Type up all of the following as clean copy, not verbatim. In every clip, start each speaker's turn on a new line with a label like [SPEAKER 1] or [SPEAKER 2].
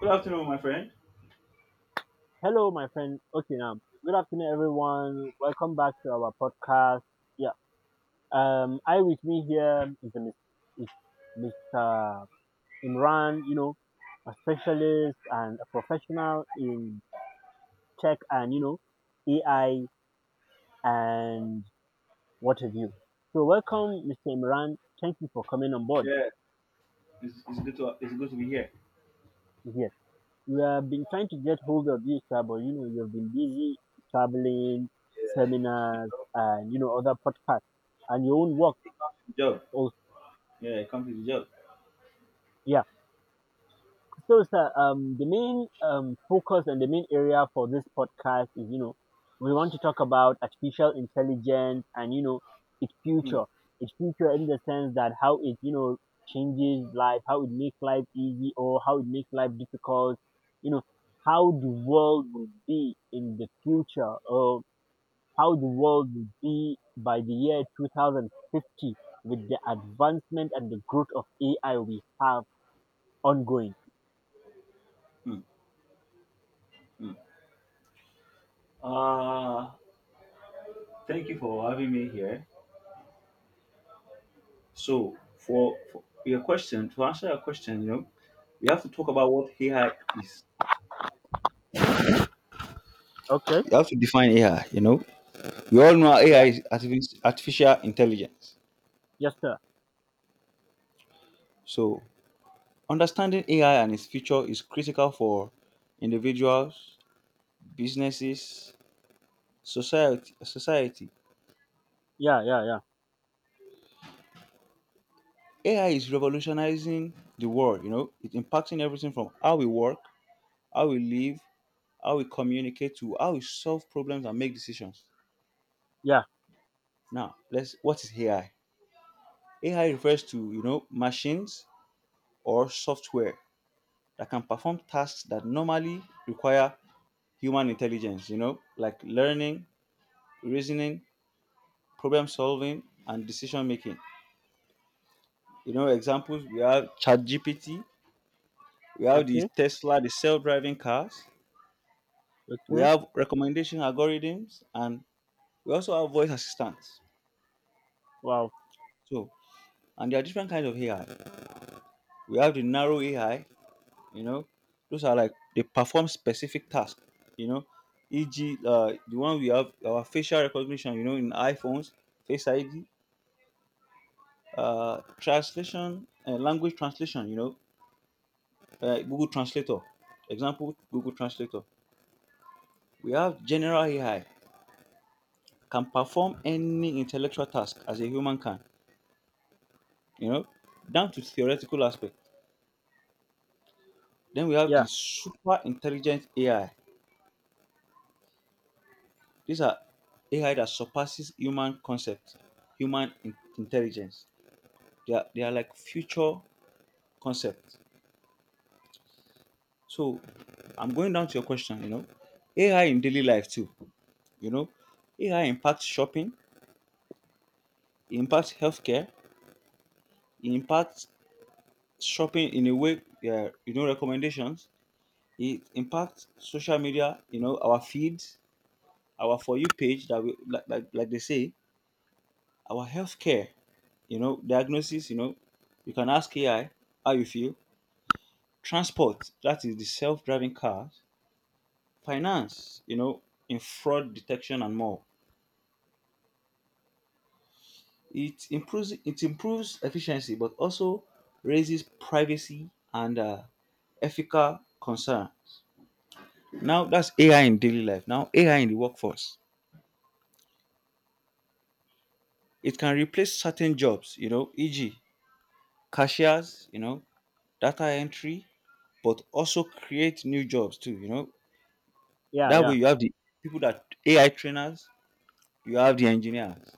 [SPEAKER 1] Good afternoon, my friend.
[SPEAKER 2] Hello, my friend. Okay, now good afternoon, everyone. Welcome back to our podcast. Yeah, I with me here is Mr. Imran. A specialist and a professional in tech and AI and what have you. So, welcome, Mr. Imran. Thank you for coming on board
[SPEAKER 1] Yeah, it's good to be here.
[SPEAKER 2] here. We have been trying to get hold of you, sir, but you know, you've been busy traveling,
[SPEAKER 1] Good
[SPEAKER 2] seminars,
[SPEAKER 1] job.
[SPEAKER 2] and you know, other podcasts and your own work.
[SPEAKER 1] Good job.
[SPEAKER 2] Also.
[SPEAKER 1] Yeah, come to the job.
[SPEAKER 2] Yeah. So, sir, the main focus and the main area for this podcast is, you know, we want to talk about artificial intelligence and, you know, its
[SPEAKER 1] Mm,
[SPEAKER 2] future. Its future in the sense that how it, you know, changes life, how it makes life easy or how it makes life difficult, you know, how the world will be in the future, or how the world will be by the year 2050 with the advancement and the growth of AI we have ongoing.
[SPEAKER 1] mm, mm. Uh, Thank you for having me here. So, for your question, to answer your question, you know, we have to talk about what AI is.
[SPEAKER 2] Okay.
[SPEAKER 1] You have to define AI. You know, we all know
[SPEAKER 2] Yeah.
[SPEAKER 1] AI is artificial intelligence.
[SPEAKER 2] Yes, sir.
[SPEAKER 1] So, understanding AI and its future is critical for individuals, businesses, society.
[SPEAKER 2] Yeah. Yeah. Yeah.
[SPEAKER 1] AI is revolutionizing the world. You know, it's impacting everything from how we work, how we live, how we communicate, to how we solve problems and make decisions.
[SPEAKER 2] Yeah.
[SPEAKER 1] Now, let's what is AI? AI refers to, you know, machines or software that can perform tasks that normally require human intelligence, you know, like learning, reasoning, problem solving, and decision making. You know, examples, we have ChatGPT, we have the
[SPEAKER 2] Okay.
[SPEAKER 1] Tesla, the self-driving cars, we
[SPEAKER 2] Okay.
[SPEAKER 1] have recommendation algorithms, and we also have voice assistants.
[SPEAKER 2] Wow.
[SPEAKER 1] So, and there are different kinds of AI. We have the narrow AI, you know, those are like they perform specific tasks. You know, e.g. The one we have, our facial recognition, you know, in iPhones, face ID, translation, language translation, you know, Google Translator, example Google Translator. We have general AI, can perform any intellectual task as a human can, you know, down to theoretical aspect. Then we have the
[SPEAKER 2] Yeah.
[SPEAKER 1] super intelligent AI. These are AI that surpasses human concept, human intelligence. They are like future concepts. So, I'm going down to your question, you know, AI in daily life too. You know, AI impacts shopping, it impacts healthcare, it impacts shopping in a way, yeah, you know, recommendations. It impacts social media, you know, our feeds, our for you page that we like, they say. Our healthcare, you know, diagnosis. You know, you can ask AI how you feel. Transport, that is the self-driving cars. Finance, you know, in fraud detection and more. It improves efficiency, but also raises privacy and ethical concerns. Now, that's AI in daily life. Now, AI in the workforce, it can replace certain jobs, you know, e.g. cashiers, you know, data entry, but also create new jobs too. You know,
[SPEAKER 2] Yeah.
[SPEAKER 1] that
[SPEAKER 2] Yeah.
[SPEAKER 1] way you have the people that AI trainers, you have the engineers.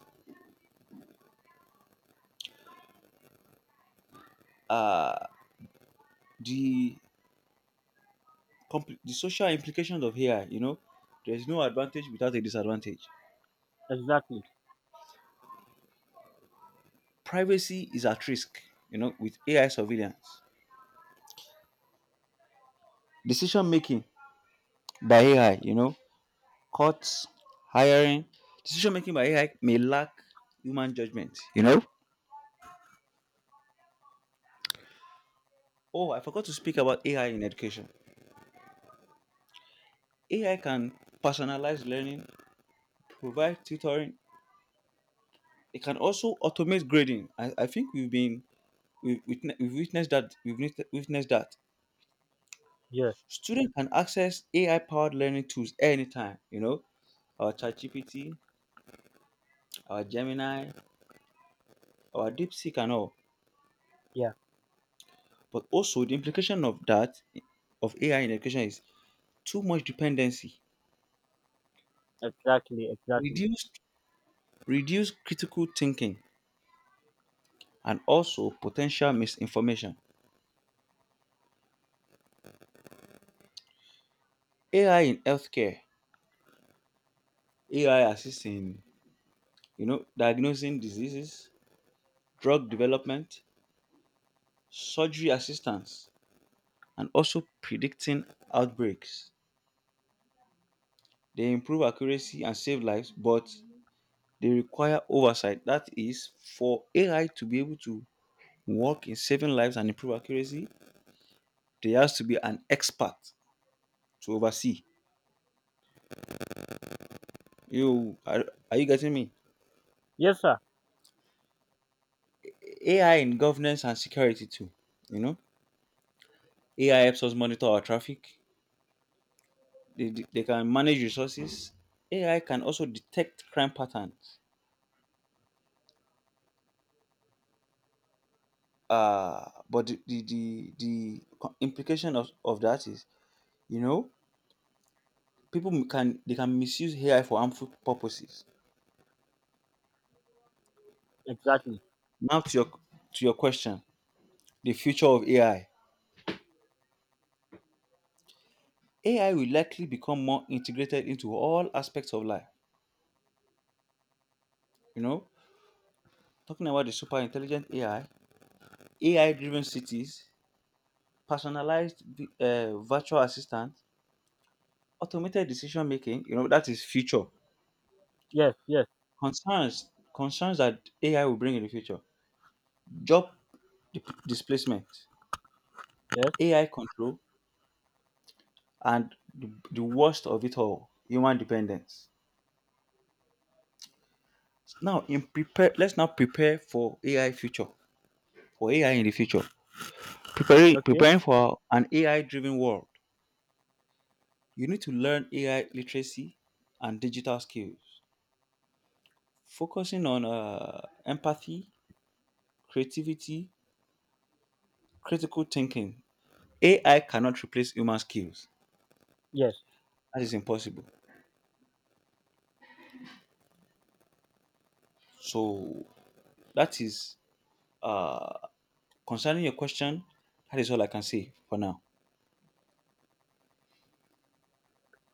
[SPEAKER 1] Uh, the the social implications of AI. You know, there is no advantage without a disadvantage.
[SPEAKER 2] Exactly.
[SPEAKER 1] Privacy is at risk. You know, with AI surveillance, decision making by AI. You know, courts, hiring, decision making by AI may lack human judgment. You know. Oh, I forgot to speak about AI in education. AI can personalize learning, provide tutoring. It can also automate grading. I think we've witnessed that, witnessed that
[SPEAKER 2] Yes.
[SPEAKER 1] students can access AI powered learning tools anytime. You know, our ChatGPT, our Gemini, our DeepSeek, and all.
[SPEAKER 2] Yeah.
[SPEAKER 1] But also, the implication of that, of AI in education, is too much dependency,
[SPEAKER 2] Exactly. Exactly.
[SPEAKER 1] reduce reduce critical thinking, and also potential misinformation. AI in healthcare, AI assists in, you know, diagnosing diseases, drug development, surgery assistance, and also predicting outbreaks. They improve accuracy and save lives, but they require oversight. That is, for AI to be able to work in saving lives and improve accuracy, there has to be an expert to oversee. You are you getting me?
[SPEAKER 2] Yes, sir.
[SPEAKER 1] AI in governance and security too. You know, AI helps us monitor our traffic. They can manage resources. AI can also detect crime patterns. But the implication of that is, you know, people m- can they can misuse AI for harmful purposes.
[SPEAKER 2] Exactly.
[SPEAKER 1] Now, to your question, the future of AI. AI will likely become more integrated into all aspects of life. You know, talking about the super intelligent AI, AI driven cities, personalized virtual assistant, automated decision making, you know, that is future.
[SPEAKER 2] Yes. Yes.
[SPEAKER 1] Concerns that AI will bring in the future: job displacement,
[SPEAKER 2] Yes.
[SPEAKER 1] AI control, and the worst of it all, human dependence. Now, let's now prepare for AI future, for AI in the future.
[SPEAKER 2] Okay.
[SPEAKER 1] Preparing for an AI-driven world. You need to learn AI literacy and digital skills, focusing on empathy, creativity, critical thinking. AI cannot replace human skills.
[SPEAKER 2] Yes.
[SPEAKER 1] That is impossible. So, that is uh, concerning your question. That is all I can say for now.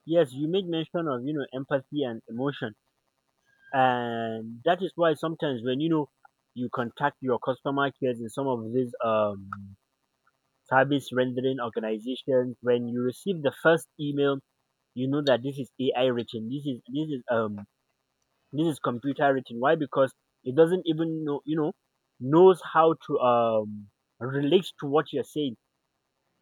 [SPEAKER 2] Yes. You made mention of you know empathy and emotion, and that is why sometimes when you know you contact your customer cares in some of these service rendering organizations, when you receive the first email you know that this is AI written, this is this is computer written. Why? Because it doesn't even know, you know, knows how to relate to what you're saying.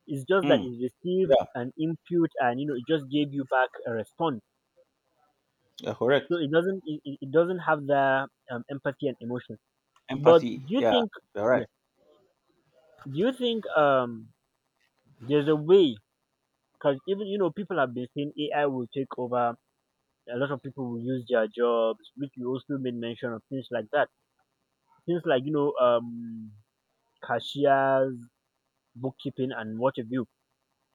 [SPEAKER 2] It's just that
[SPEAKER 1] Mm.
[SPEAKER 2] it received
[SPEAKER 1] Yeah.
[SPEAKER 2] an input and you know it just gave you back a response,
[SPEAKER 1] Yeah.
[SPEAKER 2] so
[SPEAKER 1] Correct.
[SPEAKER 2] it doesn't, it doesn't have the empathy and emotion. But
[SPEAKER 1] Empathy.
[SPEAKER 2] do you
[SPEAKER 1] Yeah.
[SPEAKER 2] think,
[SPEAKER 1] You're
[SPEAKER 2] yeah,
[SPEAKER 1] right.
[SPEAKER 2] do you think there's a way, because even you know people have been saying AI will take over, a lot of people will lose their jobs, which you also made mention of, things like that. Things like, you know, um, cashiers, bookkeeping and what have you.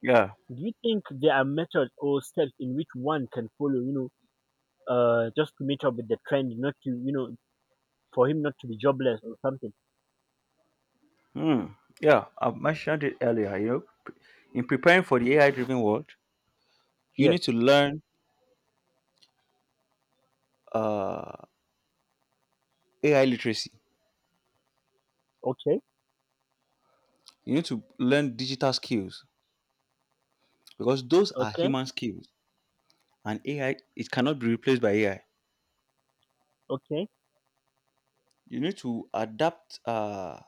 [SPEAKER 1] Yeah.
[SPEAKER 2] Do you think there are methods or steps in which one can follow, you know, just to meet up with the trend, not to you know, for him not to be jobless or something?
[SPEAKER 1] Hmm. Yeah. I mentioned it earlier. You know, in preparing for the AI-driven world, you
[SPEAKER 2] Yes.
[SPEAKER 1] need to learn uh, AI literacy.
[SPEAKER 2] Okay,
[SPEAKER 1] You need to learn digital skills, because those are
[SPEAKER 2] okay,
[SPEAKER 1] human skills, and AI it cannot be replaced by AI.
[SPEAKER 2] okay,
[SPEAKER 1] You need to adapt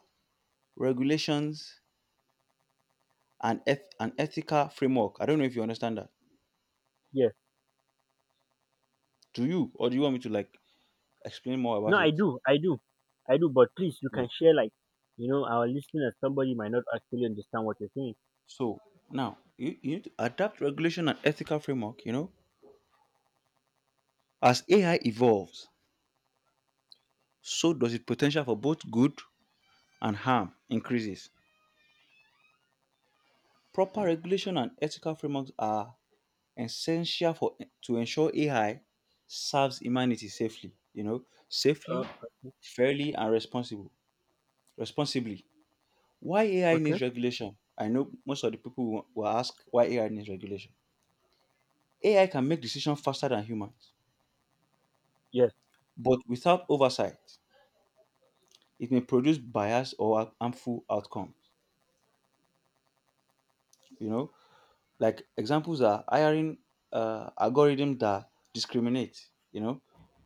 [SPEAKER 1] regulations and an ethical framework. I don't know if you understand that.
[SPEAKER 2] yes.
[SPEAKER 1] Do you, or do you want me to like explain more
[SPEAKER 2] No,
[SPEAKER 1] about
[SPEAKER 2] I
[SPEAKER 1] it?
[SPEAKER 2] do, I do, I do. But please, you can share like, you know, our listeners. Somebody might not actually understand what you're saying.
[SPEAKER 1] So, now you need to adapt regulation and ethical framework, you know. As AI evolves, so does its potential for both good and harm increases. Proper regulation and ethical frameworks are essential for to ensure AI serves humanity safely, you know, safely,
[SPEAKER 2] Uh,
[SPEAKER 1] fairly, and responsibly. Why AI
[SPEAKER 2] okay.
[SPEAKER 1] needs regulation? I know most of the people will ask why AI needs regulation. AI can make decisions faster than humans,
[SPEAKER 2] Yes.
[SPEAKER 1] but without oversight it may produce bias or harmful outcomes. You know, like, examples are hiring algorithms that discriminate. You know,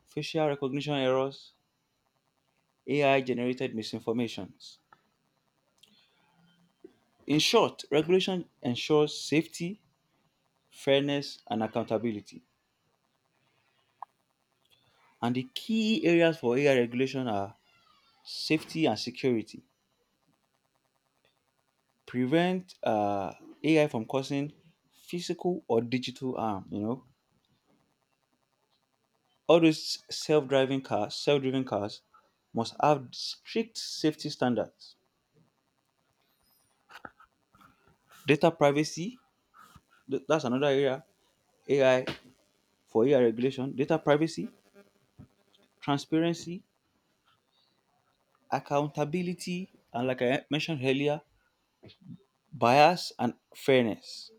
[SPEAKER 1] facial recognition errors, AI generated misinformations. In short, regulation ensures safety, fairness, and accountability. And the key areas for AI regulation are safety and security. Prevent AI from causing physical or digital harm. You know, all those self-driving cars, self-driven cars, must have strict safety standards. Data privacy, that's another area. AI for AI regulation, data privacy, transparency, accountability, and, like I mentioned earlier, bias and fairness.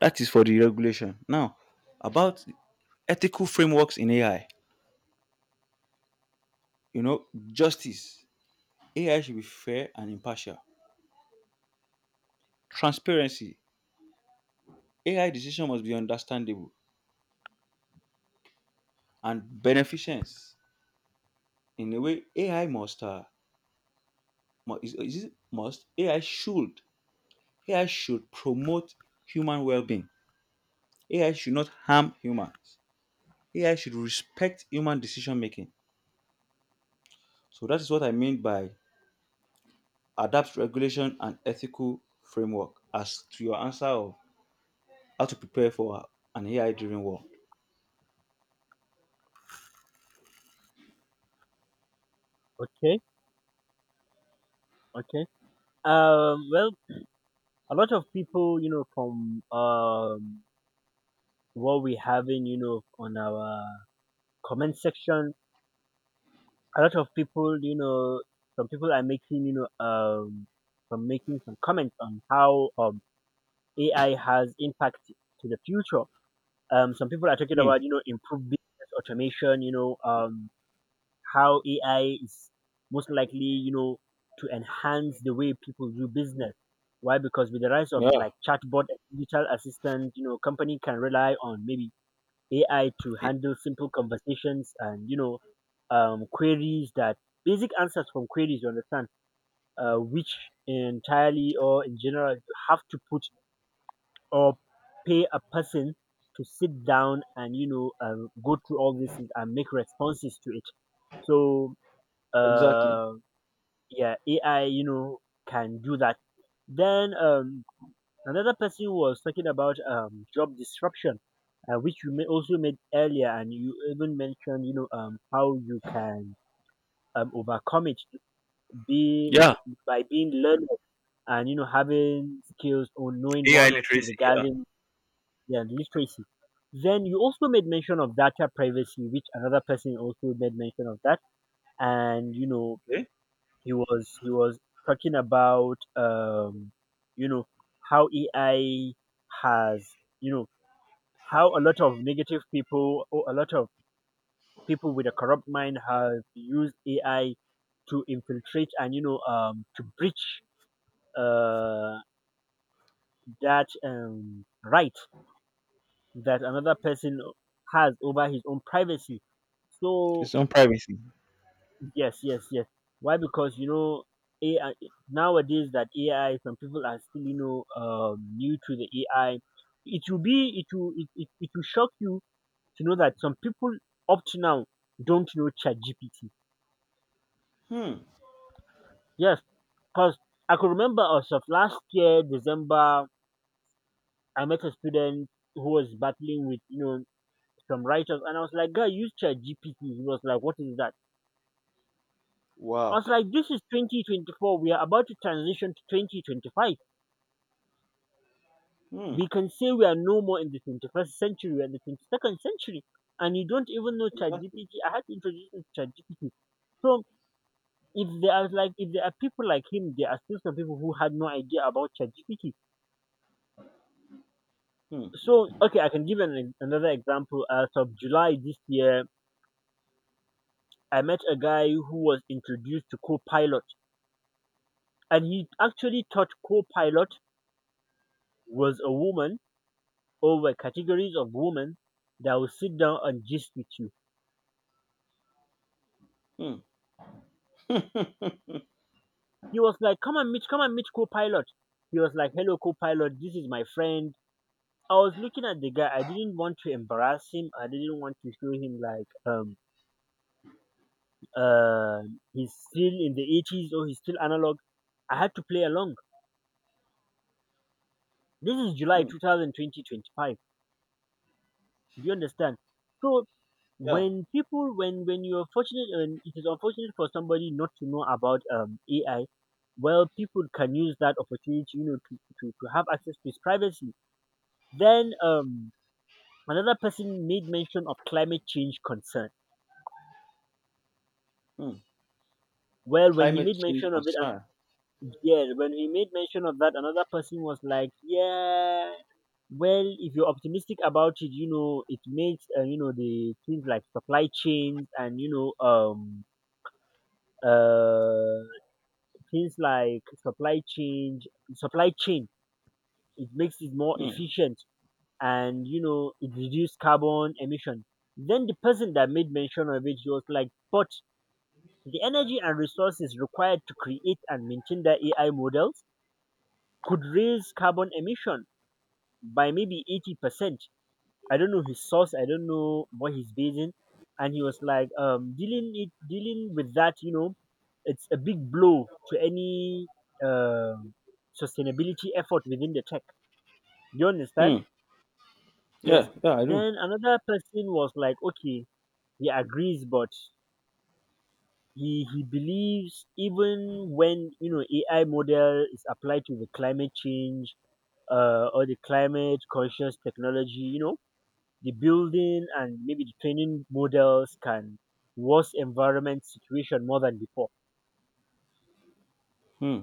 [SPEAKER 1] That is for the regulation. Now, about ethical frameworks in AI. You know, justice. AI should be fair and impartial. Transparency. AI decision must be understandable. And beneficence. In a way, AI must mu- is it must AI should AI should promote human well-being. AI should not harm humans. AI should respect human decision making. So, that is what I mean by adapt regulation and ethical framework. As to your answer of how to prepare for an AI driven world.
[SPEAKER 2] Okay. Okay. Well, a lot of people, you know, from what we having, you know, on our comment section, a lot of people, you know, some people are making, you know, some making some comments on how AI has impact to the future. Some people are talking
[SPEAKER 1] Hmm.
[SPEAKER 2] about, you know, improved business automation, you know, um, how AI is most likely, you know, to enhance the way people do business. Why? Because with the rise of
[SPEAKER 1] Yeah,
[SPEAKER 2] like chatbot and digital assistant, you know, company can rely on maybe AI to
[SPEAKER 1] e-
[SPEAKER 2] handle simple conversations and you know, queries, that basic answers from queries. You understand, which entirely or in general you have to put or pay a person to sit down and you know go through all these things and make responses to it. So
[SPEAKER 1] exactly.
[SPEAKER 2] uh yeah, AI you know can do that. Then another person was talking about job disruption, which you may also made earlier and you even mentioned you know how you can overcome it, be
[SPEAKER 1] Yeah,
[SPEAKER 2] by being learned and you know having skills or knowing
[SPEAKER 1] AI
[SPEAKER 2] one or two
[SPEAKER 1] literacy. Yeah,
[SPEAKER 2] regarding, yeah, literacy. Then you also made mention of data privacy, which another person also made mention of that, and you know
[SPEAKER 1] okay.
[SPEAKER 2] he was talking about, you know, how AI has you know how a lot of negative people or a lot of people with a corrupt mind have used AI to infiltrate and you know to breach uh, that right that another person has over his own privacy. So
[SPEAKER 1] It's on privacy.
[SPEAKER 2] yes, yes, yes. Why? Because you know, AI nowadays, that AI, some people are still you know new to the AI. It will be it will shock you to know that some people up to now don't know ChatGPT.
[SPEAKER 1] Hmm.
[SPEAKER 2] Yes, because I could remember as of last year December, I met a student who was battling with you know some writers, and I was like, "Guy, use ChatGPT." He was like, "What is that?" I
[SPEAKER 1] Wow.
[SPEAKER 2] was like, "This is 2024. We are about to transition to 2025."
[SPEAKER 1] Hmm.
[SPEAKER 2] We can say we are no more in the 21st century, we're in the 22nd century. And you don't even know
[SPEAKER 1] Exactly.
[SPEAKER 2] ChatGPT. I had to introduce you to ChatGPT. So if there are like if there are people like him, there are still some people who had no idea about ChatGPT.
[SPEAKER 1] Hmm.
[SPEAKER 2] So okay, I can give an, another example. As of July this year, I met a guy who was introduced to Copilot, and he actually thought Copilot was a woman or were categories of women that will sit down and gist with you.
[SPEAKER 1] Hmm. Hmm.
[SPEAKER 2] He was like, come and meet Copilot. He was like, hello Copilot, this is my friend. I was looking at the guy. I didn't want to embarrass him. I didn't want to show him like uh he's still in the 80s or he's still analog. I had to play along. This is July
[SPEAKER 1] Mm.
[SPEAKER 2] 2020 25. Do you understand? So
[SPEAKER 1] Yeah.
[SPEAKER 2] when people when you're fortunate, and it is unfortunate for somebody not to know about AI, well people can use that opportunity, you know, to have access to his privacy. Then another person made mention of climate change concern.
[SPEAKER 1] Hmm.
[SPEAKER 2] Well, when he
[SPEAKER 1] Climate
[SPEAKER 2] made
[SPEAKER 1] change
[SPEAKER 2] mention of it,
[SPEAKER 1] concern.
[SPEAKER 2] and yeah, when he made mention of that, another person was like, yeah, well, if you're optimistic about it, you know, it makes, you know, the things like supply chains and, you know, uh, things like supply change, supply chain, it makes it more
[SPEAKER 1] Hmm.
[SPEAKER 2] efficient and, you know, it reduces carbon emission. Then the person that made mention of it, he was like, but the energy and resources required to create and maintain the AI models could raise carbon emission by maybe 80%. I don't know his source, I don't know what he's basing. And he was like, dealing with that, you know, it's a big blow to any uh, sustainability effort within the tech. You understand?
[SPEAKER 1] Hmm. Yeah,
[SPEAKER 2] Yes.
[SPEAKER 1] yeah, I do.
[SPEAKER 2] Then another person was like, okay, he agrees, but he believes even when you know AI model is applied to the climate change, or the climate conscious technology, you know, the building and maybe the training models can worse environment situation more than before.
[SPEAKER 1] Hmm.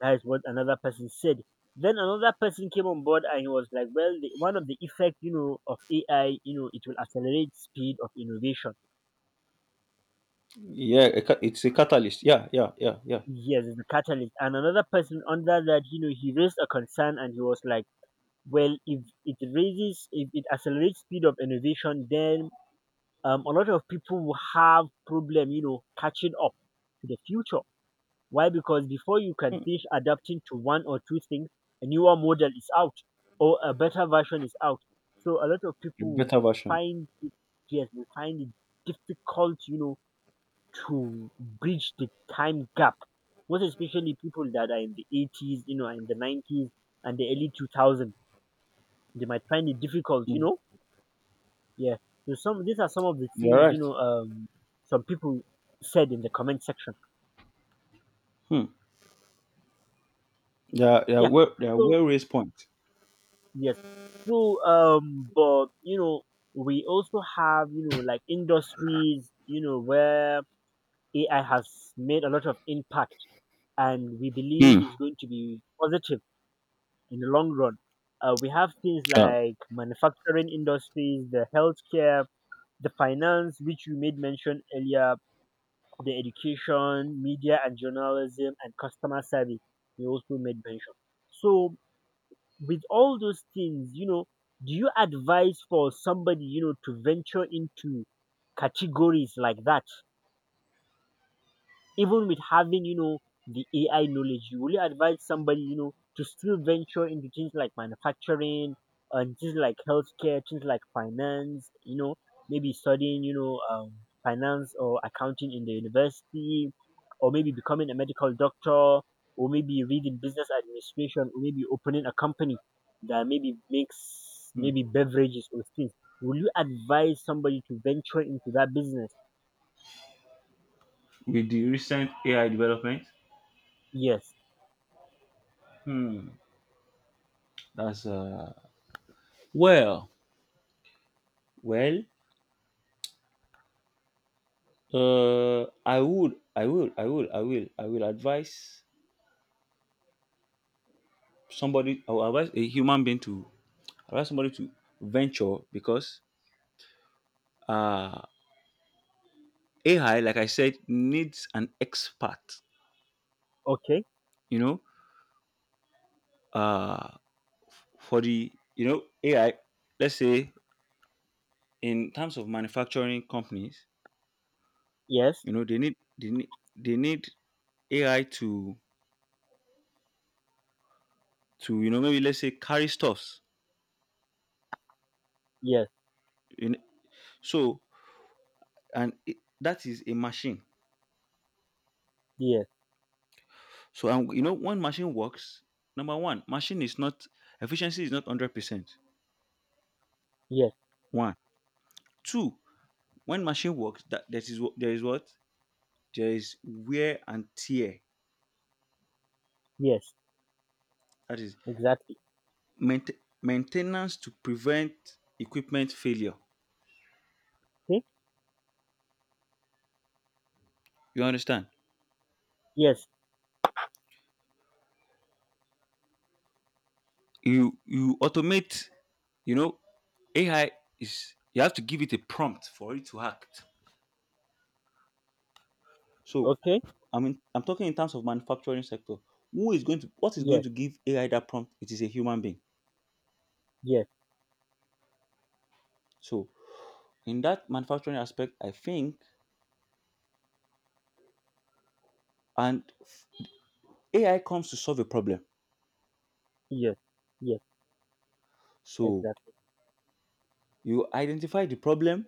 [SPEAKER 2] That is what another person said. Then another person came on board and he was like, well, one of the effect, you know, of AI, you know, it will accelerate speed of innovation.
[SPEAKER 1] Yeah, a it's a catalyst. Yeah.
[SPEAKER 2] Yes, it's a catalyst. And another person under that, you know, he raised a concern and he was like, well if it raises, if it accelerates speed of innovation, then a lot of people will have problem you know catching up to the future. Why? Because before you can
[SPEAKER 1] Mm.
[SPEAKER 2] finish adapting to one or two things, a newer model is out or a better version is out, so a lot of
[SPEAKER 1] A
[SPEAKER 2] people will
[SPEAKER 1] better version.
[SPEAKER 2] find it, yes they find it difficult you know to bridge the time gap, most especially people that are in the 80s, you know, in the 90s and the early 2000s, they might find it difficult, you
[SPEAKER 1] Mm.
[SPEAKER 2] know. Yeah. So some these are some of the
[SPEAKER 1] You're
[SPEAKER 2] things
[SPEAKER 1] right.
[SPEAKER 2] you know some people said in the comment section.
[SPEAKER 1] Mm. Yeah, yeah,
[SPEAKER 2] Yeah.
[SPEAKER 1] well, yeah,
[SPEAKER 2] So
[SPEAKER 1] well raised point.
[SPEAKER 2] yes. So but you know we also have you know like industries you know where AI has made a lot of impact and we
[SPEAKER 1] Hmm.
[SPEAKER 2] believe is going to be positive in the long run. We have things
[SPEAKER 1] Yeah.
[SPEAKER 2] like manufacturing industries, the healthcare, the finance, which you made mention earlier, the education, media and journalism, and customer service. You also made mention. So, with all those things, you know, do you advise for somebody, you know, to venture into categories like that? Even with having you know the AI knowledge, you will advise somebody you know to still venture into things like manufacturing and things like healthcare, things like finance. You know, maybe studying you know finance or accounting in the university, or maybe becoming a medical doctor, or maybe reading business administration, or maybe opening a company that maybe makes
[SPEAKER 1] Hmm.
[SPEAKER 2] maybe beverages or things. Will you advise somebody to venture into that business?
[SPEAKER 1] With the recent AI development.
[SPEAKER 2] Yes.
[SPEAKER 1] Hmm. That's well. well. I will advise somebody. I will advise a human being to allow somebody to venture, because uh, AI, like I said, needs an expert.
[SPEAKER 2] Okay.
[SPEAKER 1] You know, uh, for the, you know, AI, let's say in terms of manufacturing companies,
[SPEAKER 2] Yes.
[SPEAKER 1] you know, they need AI to you know, maybe, let's say, carry stuffs.
[SPEAKER 2] Yes.
[SPEAKER 1] You know? So, and it, that is a machine.
[SPEAKER 2] Yes,
[SPEAKER 1] So, and you know, when machine works, number one, machine is not efficiency is not 100%.
[SPEAKER 2] yes,
[SPEAKER 1] One, two, when machine works, that there is wh- there is what there is wear and tear.
[SPEAKER 2] yes,
[SPEAKER 1] That is
[SPEAKER 2] exactly.
[SPEAKER 1] maintenance to prevent equipment failure.
[SPEAKER 2] See?
[SPEAKER 1] You understand?
[SPEAKER 2] Yes,
[SPEAKER 1] You automate. You know, AI is, you have to give it a prompt for it to act. So,
[SPEAKER 2] okay,
[SPEAKER 1] I mean, I'm talking in terms of manufacturing sector. Who is going to what is going
[SPEAKER 2] yes,
[SPEAKER 1] to give AI that prompt? It is a human being.
[SPEAKER 2] yes,
[SPEAKER 1] So, in that manufacturing aspect, I think, and AI comes to solve a problem.
[SPEAKER 2] yes, yes,
[SPEAKER 1] So,
[SPEAKER 2] exactly.
[SPEAKER 1] you identify the problem.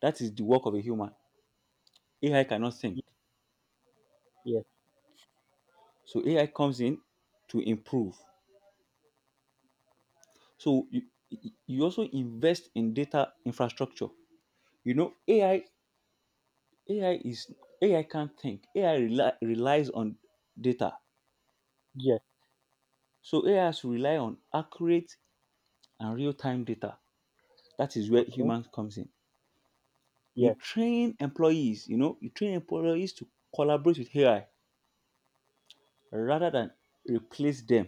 [SPEAKER 1] That is the work of a human. AI cannot think.
[SPEAKER 2] Yes, yes,
[SPEAKER 1] So, AI comes in to improve. So, you also invest in data infrastructure. You know, AI is AI can't think. Relies on data.
[SPEAKER 2] yes,
[SPEAKER 1] So, AI has to rely on accurate and real-time data. That is where
[SPEAKER 2] okay,
[SPEAKER 1] humans comes in. You
[SPEAKER 2] yes,
[SPEAKER 1] train employees, you know, you train employees to collaborate with AI rather than replace them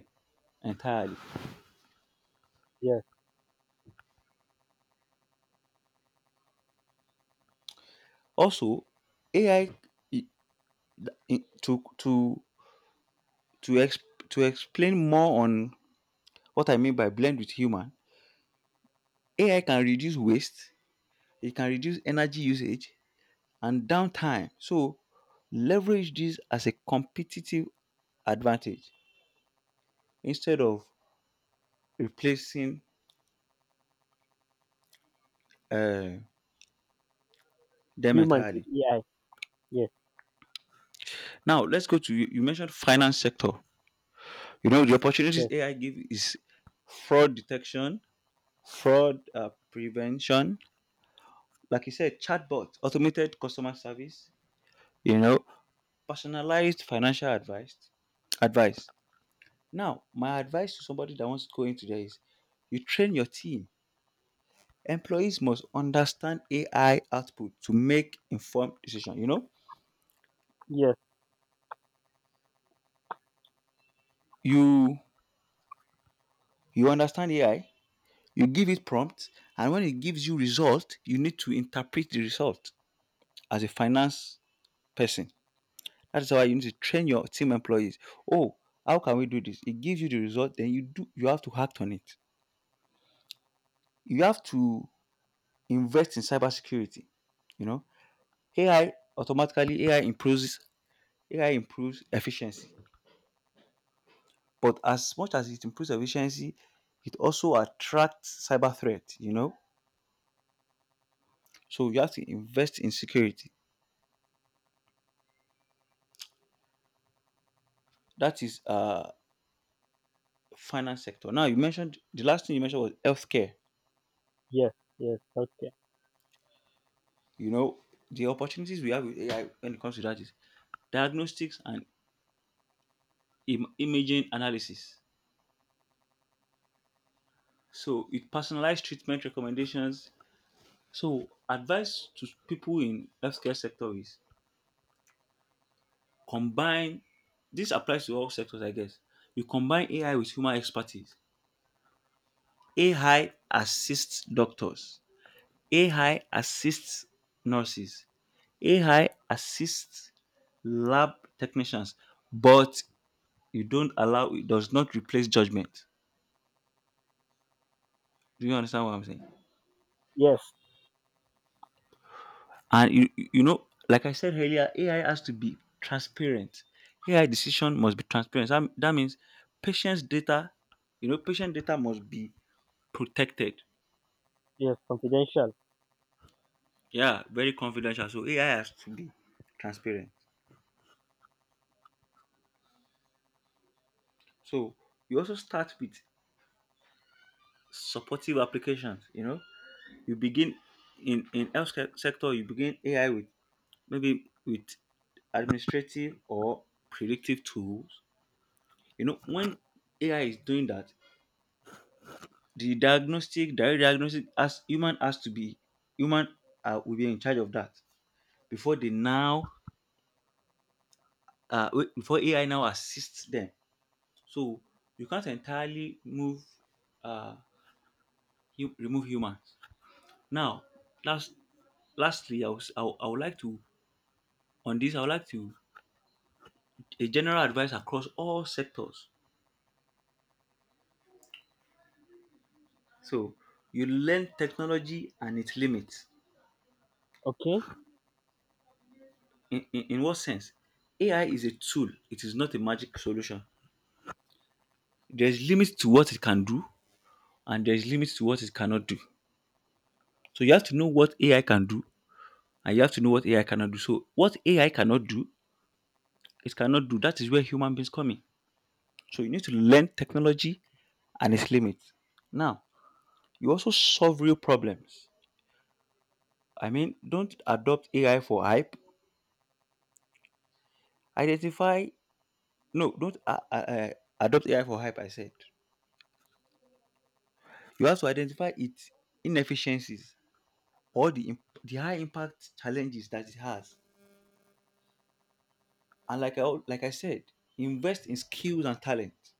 [SPEAKER 1] entirely.
[SPEAKER 2] yes.
[SPEAKER 1] Also, AI to to to ex, to explain more on what I mean by blend with human, AI can reduce waste, it can reduce energy usage and downtime. So, leverage this as a competitive advantage instead of replacing uh, them
[SPEAKER 2] Humans with
[SPEAKER 1] entirely.
[SPEAKER 2] AI. Yes,
[SPEAKER 1] Now, let's go to, you mentioned finance sector. You know, the opportunities
[SPEAKER 2] yes,
[SPEAKER 1] AI give is fraud detection, fraud prevention, like you said, chatbot, automated customer service, you know, personalized financial advice. Advice. Now, my advice to somebody that wants to go into there is, you train your team. Employees must understand AI output to make informed decision.
[SPEAKER 2] yes,
[SPEAKER 1] You you understand AI, you give it prompt, and when it gives you result, you need to interpret the result as a finance person. That's why you need to train your team employees. Oh, how can we do this? It gives you the result, then you have to act on it. You have to invest in cybersecurity. You know, AI automatically AI improves AI improves efficiency. But as much as it improves efficiency, it also attracts cyber threat. So you have to invest in security. That is finance sector. Now you mentioned the last thing you mentioned was healthcare.
[SPEAKER 2] yes, yes, okay.
[SPEAKER 1] You know, the opportunities we have with AI when it comes to that is diagnostics and imaging analysis. So it personalized treatment recommendations. So advice to people in healthcare sector is combine. This applies to all sectors, I guess. You combine AI with human expertise. AI assists doctors. AI assists nurses. AI assists lab technicians, but you don't allow it does not replace judgment. Do you understand what I'm saying?
[SPEAKER 2] Yes,
[SPEAKER 1] And like I said earlier, AI has to be transparent. AI decision must be transparent. That means patient's data, patient data must be protected.
[SPEAKER 2] yes, confidential.
[SPEAKER 1] Yeah, very confidential, so AI has to be transparent. So you also start with supportive applications. You begin in health sector. You begin AI with maybe with administrative or predictive tools. You know, when AI is doing that, direct diagnostic, as human has to be, human will be in charge of that before they now, before AI now assists them. So you can't entirely move, uh, you remove humans. Now, last, lastly, I would like to on this. I would like to a general advice across all sectors. So you learn technology and its limits.
[SPEAKER 2] Okay,
[SPEAKER 1] In what sense? AI is a tool, it is not a magic solution. There's limits to what it can do, and there's limits to what it cannot do. So you have to know what AI can do, and you have to know what AI cannot do. So what AI cannot do, it cannot do. That is where human beings come in. So you need to learn technology and its limits. Now, you also solve real problems. I mean, don't adopt AI for hype. Identify. No, don't adopt AI for hype. I said you have to identify its inefficiencies or the high impact challenges that it has. And like I said, invest in skills and talent.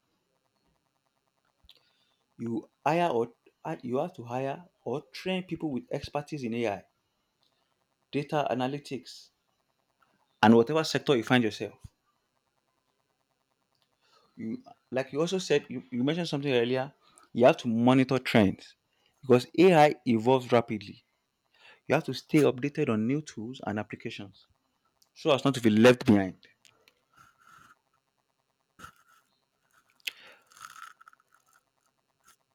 [SPEAKER 1] You hire or you have to hire or train people with expertise in AI, data analytics, and whatever sector you find yourself. You, like you also said, you mentioned something earlier. You have to monitor trends because AI evolves rapidly. You have to stay updated on new tools and applications so as not to be left behind.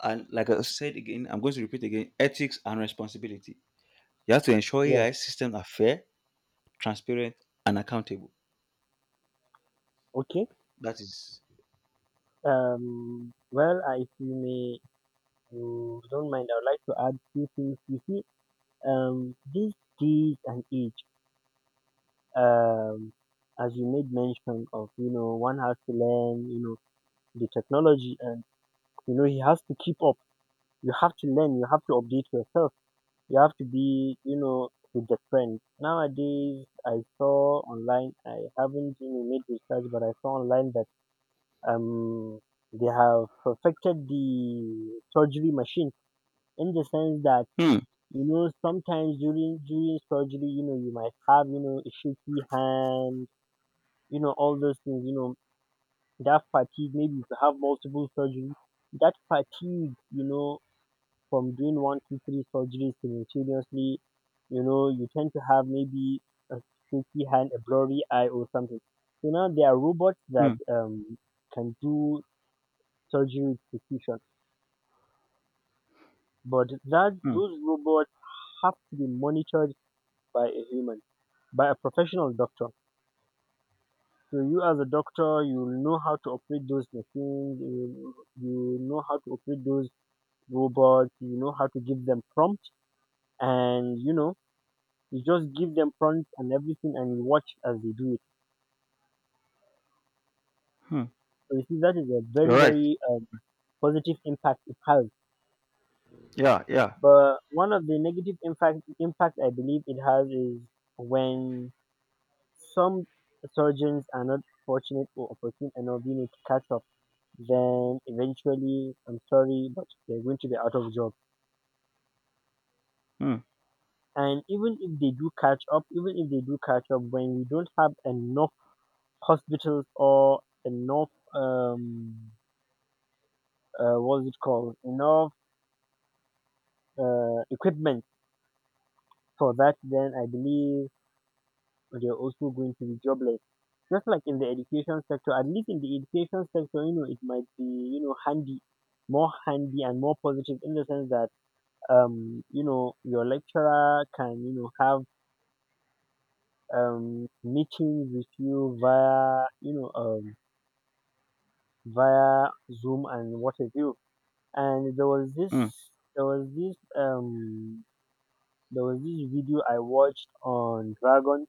[SPEAKER 1] And like I said again, I'm going to repeat again, ethics and responsibility. You have to ensure
[SPEAKER 2] yes,
[SPEAKER 1] AI systems are fair, transparent, and accountable.
[SPEAKER 2] okay.
[SPEAKER 1] That is.
[SPEAKER 2] If you may, you don't mind, I would like to add few things. You see, these days and age, um, as you made mention of, you know, one has to learn, you know, the technology, and you know he has to keep up. You have to learn, you have to update yourself, you have to be, you know, with the trend nowadays. I saw online, I haven't, you know, made research, but I saw online that um they have perfected the surgery machine, in the sense that,
[SPEAKER 1] Hmm.
[SPEAKER 2] you know, sometimes during surgery, you know, you might have, you know, a shaky hand, you know, all those things, you know, that fatigue, maybe if you have multiple surgery, that fatigue, you know, from doing one, two, three surgeries simultaneously, you know, you tend to have maybe a shaky hand, a blurry eye, or something. So now there are robots that
[SPEAKER 1] Hmm.
[SPEAKER 2] can do surgery with precision, but that
[SPEAKER 1] Hmm.
[SPEAKER 2] those robots have to be monitored by a human, by a professional doctor. So you as a doctor, you know how to operate those machines, you know how to operate those robots, you know how to give them prompt, and you just give them prompts and everything, and you watch as they do it.
[SPEAKER 1] Hmm.
[SPEAKER 2] So you see, that is a very, very positive impact it has.
[SPEAKER 1] Yeah. Yeah.
[SPEAKER 2] But one of the negative impact I believe it has is when some surgeons are not fortunate or opportune enough, you know, to catch up. Then eventually, I'm sorry, but they're going to be out of job.
[SPEAKER 1] Hmm.
[SPEAKER 2] And even if they do catch up, even if they do catch up, when we don't have enough hospitals or enough um, what's it called, enough equipment for that, then I believe they're also going to be jobless. Just like in the education sector, at least in the education sector, you know, it might be, you know, handy, more handy and more positive in the sense that you know your lecturer can, you know, have meetings with you via, you know, via Zoom and what have you. And
[SPEAKER 1] Hmm.
[SPEAKER 2] there was this um there was this video I watched on Dragon.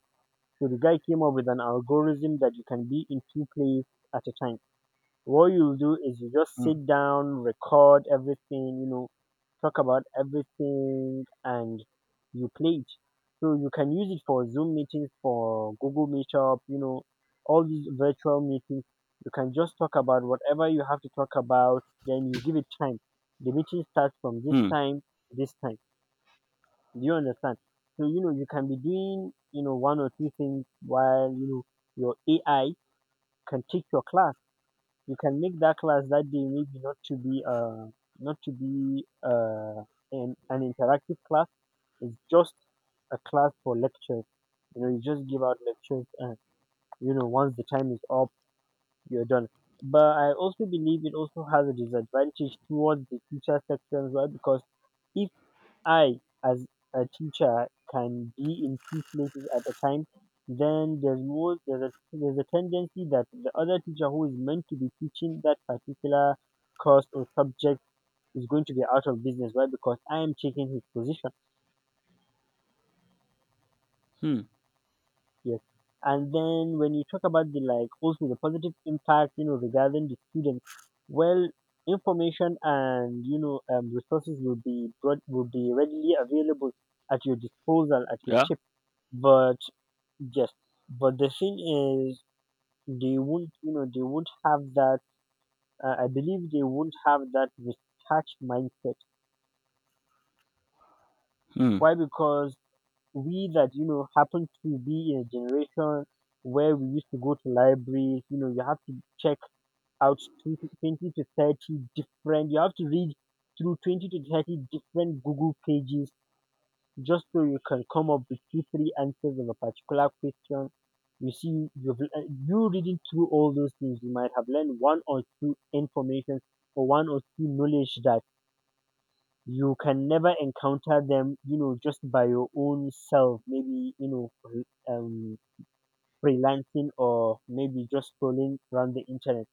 [SPEAKER 2] So the guy came up with an algorithm that you can be in two places at a time. What you will do is you just
[SPEAKER 1] Hmm.
[SPEAKER 2] sit down, record everything, you know, talk about everything and you play it. So you can use it for Zoom meetings, for Google Meetup, you know, all these virtual meetings. You can just talk about whatever you have to talk about, then you give it time. The meeting starts from this
[SPEAKER 1] Hmm.
[SPEAKER 2] time to this time. Do you understand? So you know you can be doing, you know, one or two things while, you know, your AI can take your class. You can make that class that day maybe not to be an interactive class. It's just a class for lectures. You know, you just give out lectures and, you know, once the time is up, you're done. But I also believe it also has a disadvantage towards the teacher sections, why? Because if I, as a teacher, can be in two places at a time, then there's a tendency that the other teacher who is meant to be teaching that particular course or subject is going to be out of business. Why? Because I am taking his position.
[SPEAKER 1] Hmm.
[SPEAKER 2] Yes. And then when you talk about the, like, also the positive impact, you know, regarding the students, well, information and, you know, resources will be readily available at your disposal, at your
[SPEAKER 1] Yeah.
[SPEAKER 2] tip, but yes, but the thing is, they won't, you know, they won't have that. I believe they won't have that detached mindset.
[SPEAKER 1] Hmm.
[SPEAKER 2] Why? Because we that, you know, happen to be in a generation where we used to go to libraries. You know, you have to check out 20 to 30 different. You have to read through 20 to 30 different Google pages just so you can come up with two, three answers of a particular question. You see, you reading through all those things, you might have learned one or two information or one or two knowledge that you can never encounter them, you know, just by your own self. Maybe, you know, um, freelancing or maybe just scrolling around the internet.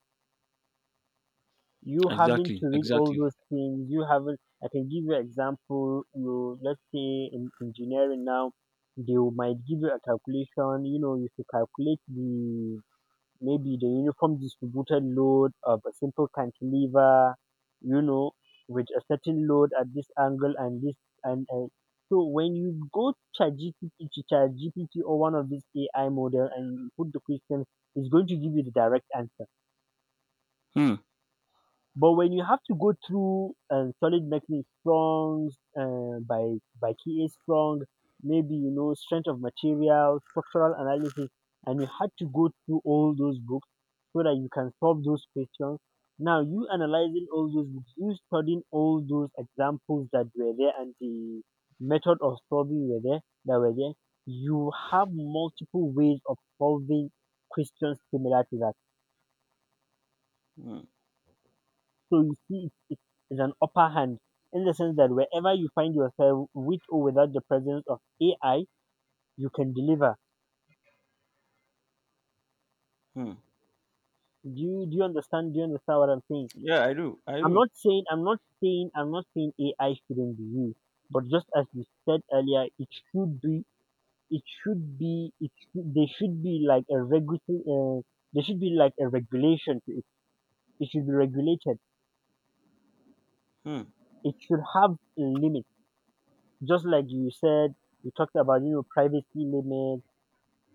[SPEAKER 2] You having
[SPEAKER 1] Exactly.
[SPEAKER 2] to read all
[SPEAKER 1] Exactly.
[SPEAKER 2] those things, you haven't, I can give you example, you, let's say in engineering now, might give you a calculation, you know, you should calculate the, maybe the uniform distributed load of a simple cantilever, you know, with a certain load at this angle and this, and, uh, so when you go to GPT, to ChatGPT or one of these AI model and you put the question, it's going to give you the direct answer.
[SPEAKER 1] Hmm.
[SPEAKER 2] But when you have to go through solid mechanics, strong uh, by by KA strong, maybe you know strength of material, structural analysis, and you had to go through all those books so that you can solve those questions. Now you analyzing all those books, you studying all those examples that were there and the method of solving were there that were there. You have multiple ways of solving questions similar to that.
[SPEAKER 1] Hmm.
[SPEAKER 2] So you see, it is an upper hand in the sense that wherever you find yourself, with or without the presence of AI, you can deliver.
[SPEAKER 1] Hmm.
[SPEAKER 2] Do you understand? Do you understand what I'm saying?
[SPEAKER 1] Yeah, I do. I do.
[SPEAKER 2] I'm not saying AI shouldn't be used, but just as you said earlier, there should be like a regulatory there should be like a regulation to it. It should be regulated.
[SPEAKER 1] Hmm.
[SPEAKER 2] It should have a limit, just like you said. You talked about, you know, privacy limits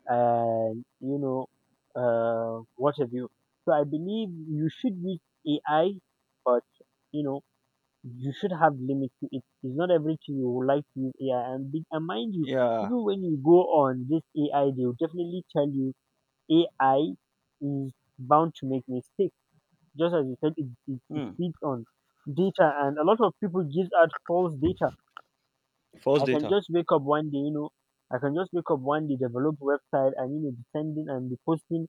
[SPEAKER 2] and, you know, what have you. So I believe you should use AI, but, you know, you should have limits to it. It's not everything you would like to use AI, and mind you,
[SPEAKER 1] Yeah.
[SPEAKER 2] even when you go on this AI, they will definitely tell you AI is bound to make mistakes, just as you said it
[SPEAKER 1] Hmm.
[SPEAKER 2] feeds on data, and a lot of people give out false data.
[SPEAKER 1] False
[SPEAKER 2] I can
[SPEAKER 1] data.
[SPEAKER 2] just wake up one day, you know, I can just wake up one day, develop website, and, you know, be sending and be posting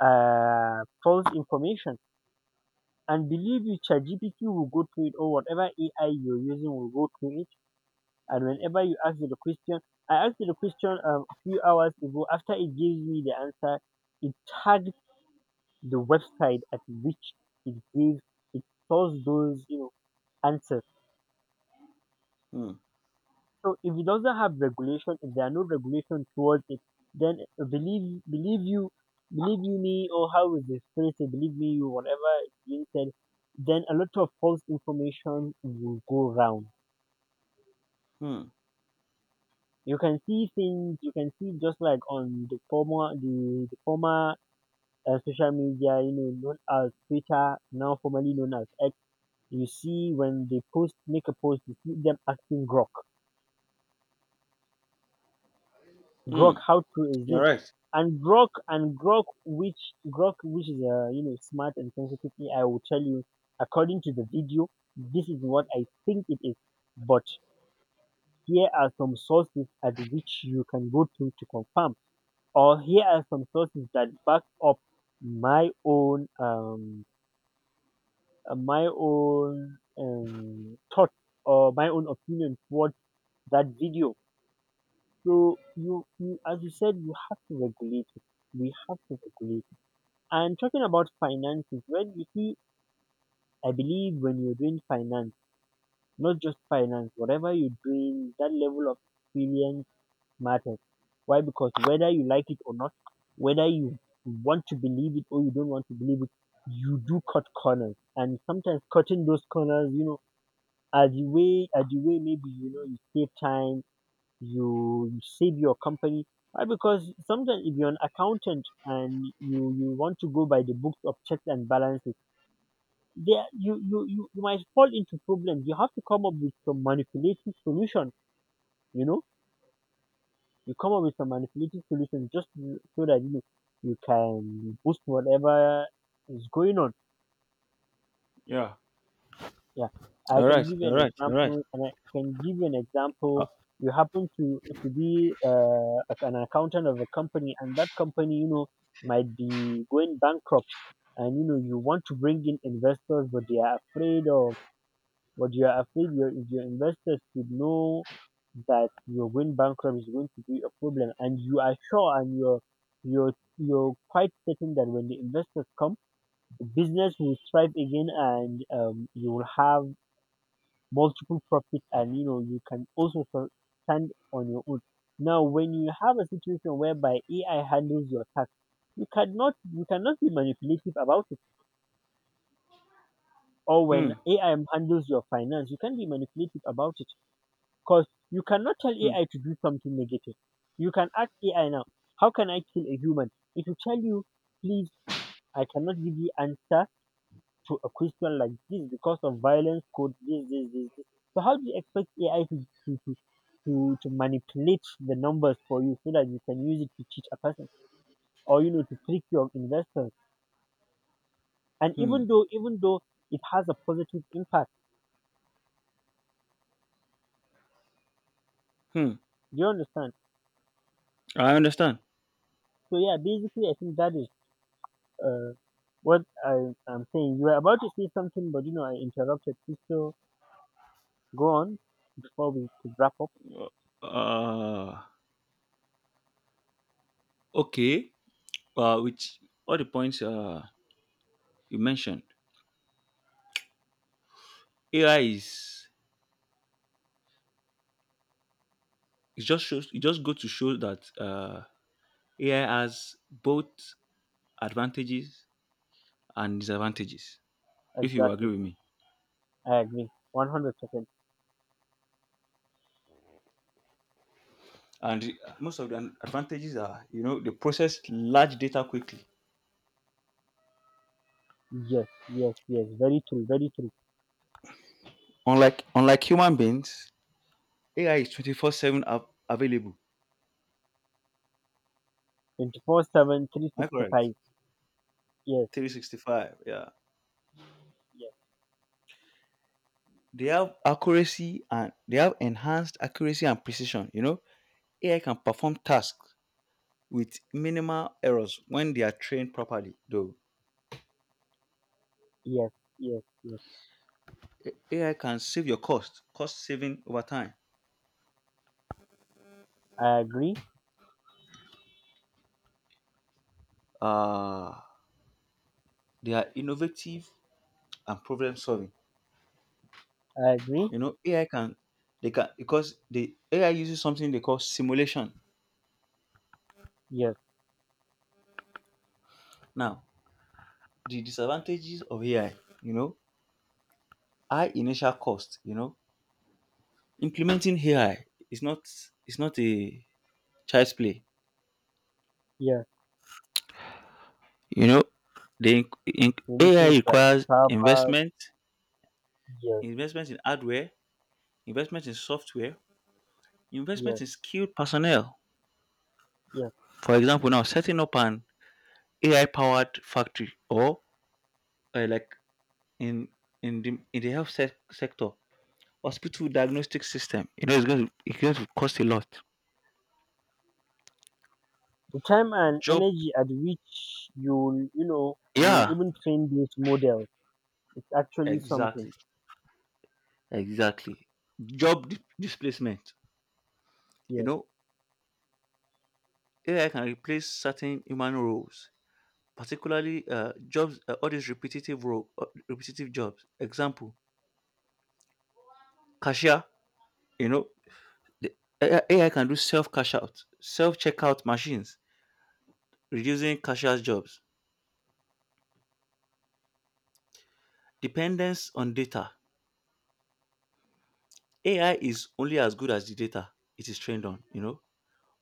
[SPEAKER 2] false information. And believe you, ChatGPT will go through it, or whatever AI you're using will go through it. And whenever you ask it a question, I asked it a question a few hours ago. After it gives me the answer, it tagged the website at which it gave it sourced those, you know, answers.
[SPEAKER 1] Hmm.
[SPEAKER 2] So if it doesn't have regulation, if there are no regulations towards it, then believe you me or how is the spirit say, believe me you, whatever is being said, then a lot of false information will go round.
[SPEAKER 1] Hmm.
[SPEAKER 2] You can see, just like on the former social media, you know, known as Twitter, now formerly known as X. You see when they post make a post, you see them acting Grok.
[SPEAKER 1] Hmm.
[SPEAKER 2] Grok, how true is
[SPEAKER 1] You're
[SPEAKER 2] this?
[SPEAKER 1] right.
[SPEAKER 2] And grok which Grok, which is a, you know, smart and sensitive AI, will tell you, according to the video, this is what I think it is, but here are some sources at which you can go to confirm, or here are some sources that back up my own um my own thought or my own opinion towards that video. So you, as you said, you have to regulate it. We have to regulate it. And talking about finances, when you see, I believe when you're doing finance, not just finance, whatever you're doing, that level of experience matters. Why? Because whether you like it or not, whether you want to believe it or you don't want to believe it, you do cut corners. And sometimes cutting those corners, you know, as you way, maybe, you know, you save time, you save your company. Why? Because sometimes if you're an accountant and you want to go by the books of checks and balances, there you might fall into problems, you have to come up with some manipulative solution, you know, you come up with some manipulative solution just so that you can boost whatever is going on.
[SPEAKER 1] Yeah.
[SPEAKER 2] Yeah,
[SPEAKER 1] All right, all right, all right.
[SPEAKER 2] I can give you an
[SPEAKER 1] Uh,
[SPEAKER 2] example. You happen to be an accountant of a company, and that company, you know, might be going bankrupt, and you know you want to bring in investors, but you are afraid your investors should know that you're going bankrupt is going to be a problem, and you are sure, and you're you're quite certain that when the investors come, the business will thrive again, and you will have multiple profit, and you know you can also stand on your own. Now when you have a situation whereby AI handles your tax, you cannot be manipulative about it. Or when
[SPEAKER 1] hmm,
[SPEAKER 2] AI handles your finance, you can be manipulative about it. Because you cannot tell
[SPEAKER 1] hmm,
[SPEAKER 2] AI to do something negative. You can ask AI now, how can I kill a human? It will tell you, please, I cannot give you answer to a question like this because of violence code, this this this this. So how do you expect AI to manipulate the numbers for you so that you can use it to cheat a person or, you know, to trick your investors? And
[SPEAKER 1] hmm,
[SPEAKER 2] even though it has a positive impact,
[SPEAKER 1] hmm.
[SPEAKER 2] do you understand?
[SPEAKER 1] I understand.
[SPEAKER 2] So yeah, basically I think that is uh what I am saying. You were about to say something, but you know I interrupted. Please, so go on before we could wrap up.
[SPEAKER 1] Uh, okay. With all the points you mentioned, AI is it just goes to show that AI has both advantages and disadvantages. If you agree
[SPEAKER 2] Exactly,
[SPEAKER 1] with me,
[SPEAKER 2] I agree, 100%.
[SPEAKER 1] and most of the advantages are, they process large data quickly.
[SPEAKER 2] Yes, yes, yes. Very true, very true.
[SPEAKER 1] Unlike human beings, AI is 24/7 available.
[SPEAKER 2] Twenty four seven three
[SPEAKER 1] Am I
[SPEAKER 2] sixty
[SPEAKER 1] correct?
[SPEAKER 2] five. Yes,
[SPEAKER 1] 365, yeah,
[SPEAKER 2] yes,
[SPEAKER 1] they have enhanced accuracy and precision. AI can perform tasks with minimal errors when they are trained properly, though.
[SPEAKER 2] yes, yes, yes.
[SPEAKER 1] AI can save your cost, saving over time.
[SPEAKER 2] I agree.
[SPEAKER 1] uh they are innovative and problem solving.
[SPEAKER 2] I agree.
[SPEAKER 1] Ai can They can, because the AI uses something they call simulation.
[SPEAKER 2] Yes,
[SPEAKER 1] Now the disadvantages of AI, you know high initial cost. Implementing AI is not is not a child's play.
[SPEAKER 2] yes.
[SPEAKER 1] You know, the in, AI
[SPEAKER 2] Religions like
[SPEAKER 1] requires
[SPEAKER 2] Sabbath.
[SPEAKER 1] investment,
[SPEAKER 2] Yes,
[SPEAKER 1] investment in hardware, investment in software, investment
[SPEAKER 2] yes,
[SPEAKER 1] in skilled personnel.
[SPEAKER 2] yes.
[SPEAKER 1] For example, now setting up an AI powered factory, or like in the health sector, hospital diagnostic system, you know, it's going to cost a lot.
[SPEAKER 2] The time and
[SPEAKER 1] Job.
[SPEAKER 2] energy at which you'll, you know, you'll
[SPEAKER 1] Yeah,
[SPEAKER 2] even train these models. It's actually something.
[SPEAKER 1] exactly, exactly. Job displacement. You
[SPEAKER 2] Yes,
[SPEAKER 1] know, AI can replace certain human roles, particularly jobs, all these repetitive jobs. Example, cashier. You know, the AI can do self checkout machines, reducing cashier's jobs. Dependence on data. AI is only as good as the data it is trained on.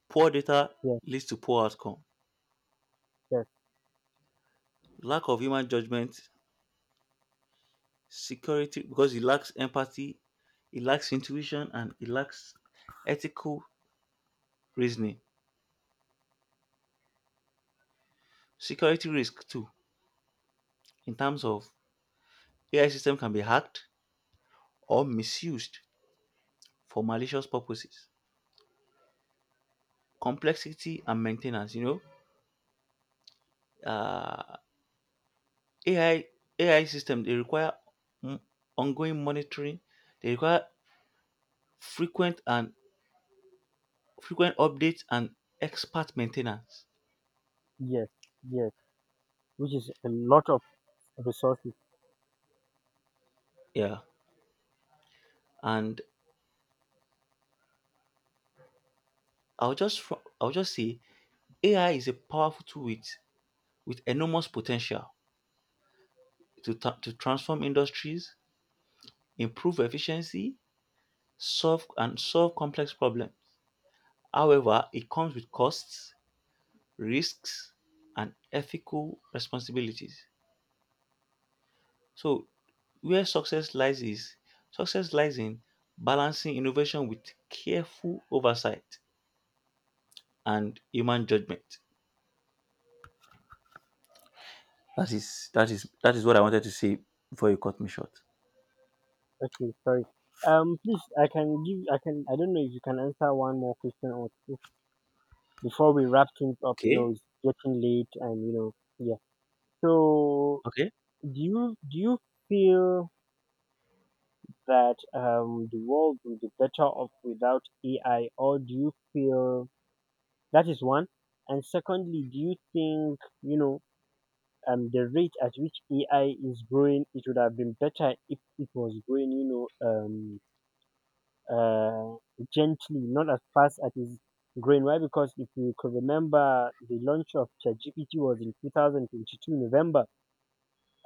[SPEAKER 1] Poor data
[SPEAKER 2] yes,
[SPEAKER 1] leads to poor outcome.
[SPEAKER 2] yes,
[SPEAKER 1] Lack of human judgment, security, because it lacks empathy, it lacks intuition, and it lacks ethical reasoning. Security risk too, in terms of AI system can be hacked or misused for malicious purposes. Complexity and maintenance. Uh, AI AI system, they require mm, ongoing monitoring. They require frequent and frequent updates and expert maintenance.
[SPEAKER 2] yes, yes. Which is a lot of resources.
[SPEAKER 1] Yeah, and I'll just say AI is a powerful tool with enormous potential to transform industries, improve efficiency, solve complex problems. However, it comes with costs, risks, and ethical responsibilities. So, where success lies in balancing innovation with careful oversight and human judgment. That is, that is what I wanted to say before you cut me short.
[SPEAKER 2] Okay, sorry. Please, I can give, I can, I don't know if you can answer one more question or two before we wrap things up, you know.
[SPEAKER 1] Okay.
[SPEAKER 2] It's getting late and, you know, yeah. So
[SPEAKER 1] Okay.
[SPEAKER 2] do you feel that the world will be better off without AI, or do you feel that is one? And secondly, do you think, you know, the rate at which AI is growing, it would have been better if it was growing, you know, uh, gently, not as fast as it's growing. Why? Because if you could remember, the launch of ChatGPT was in 2022 November,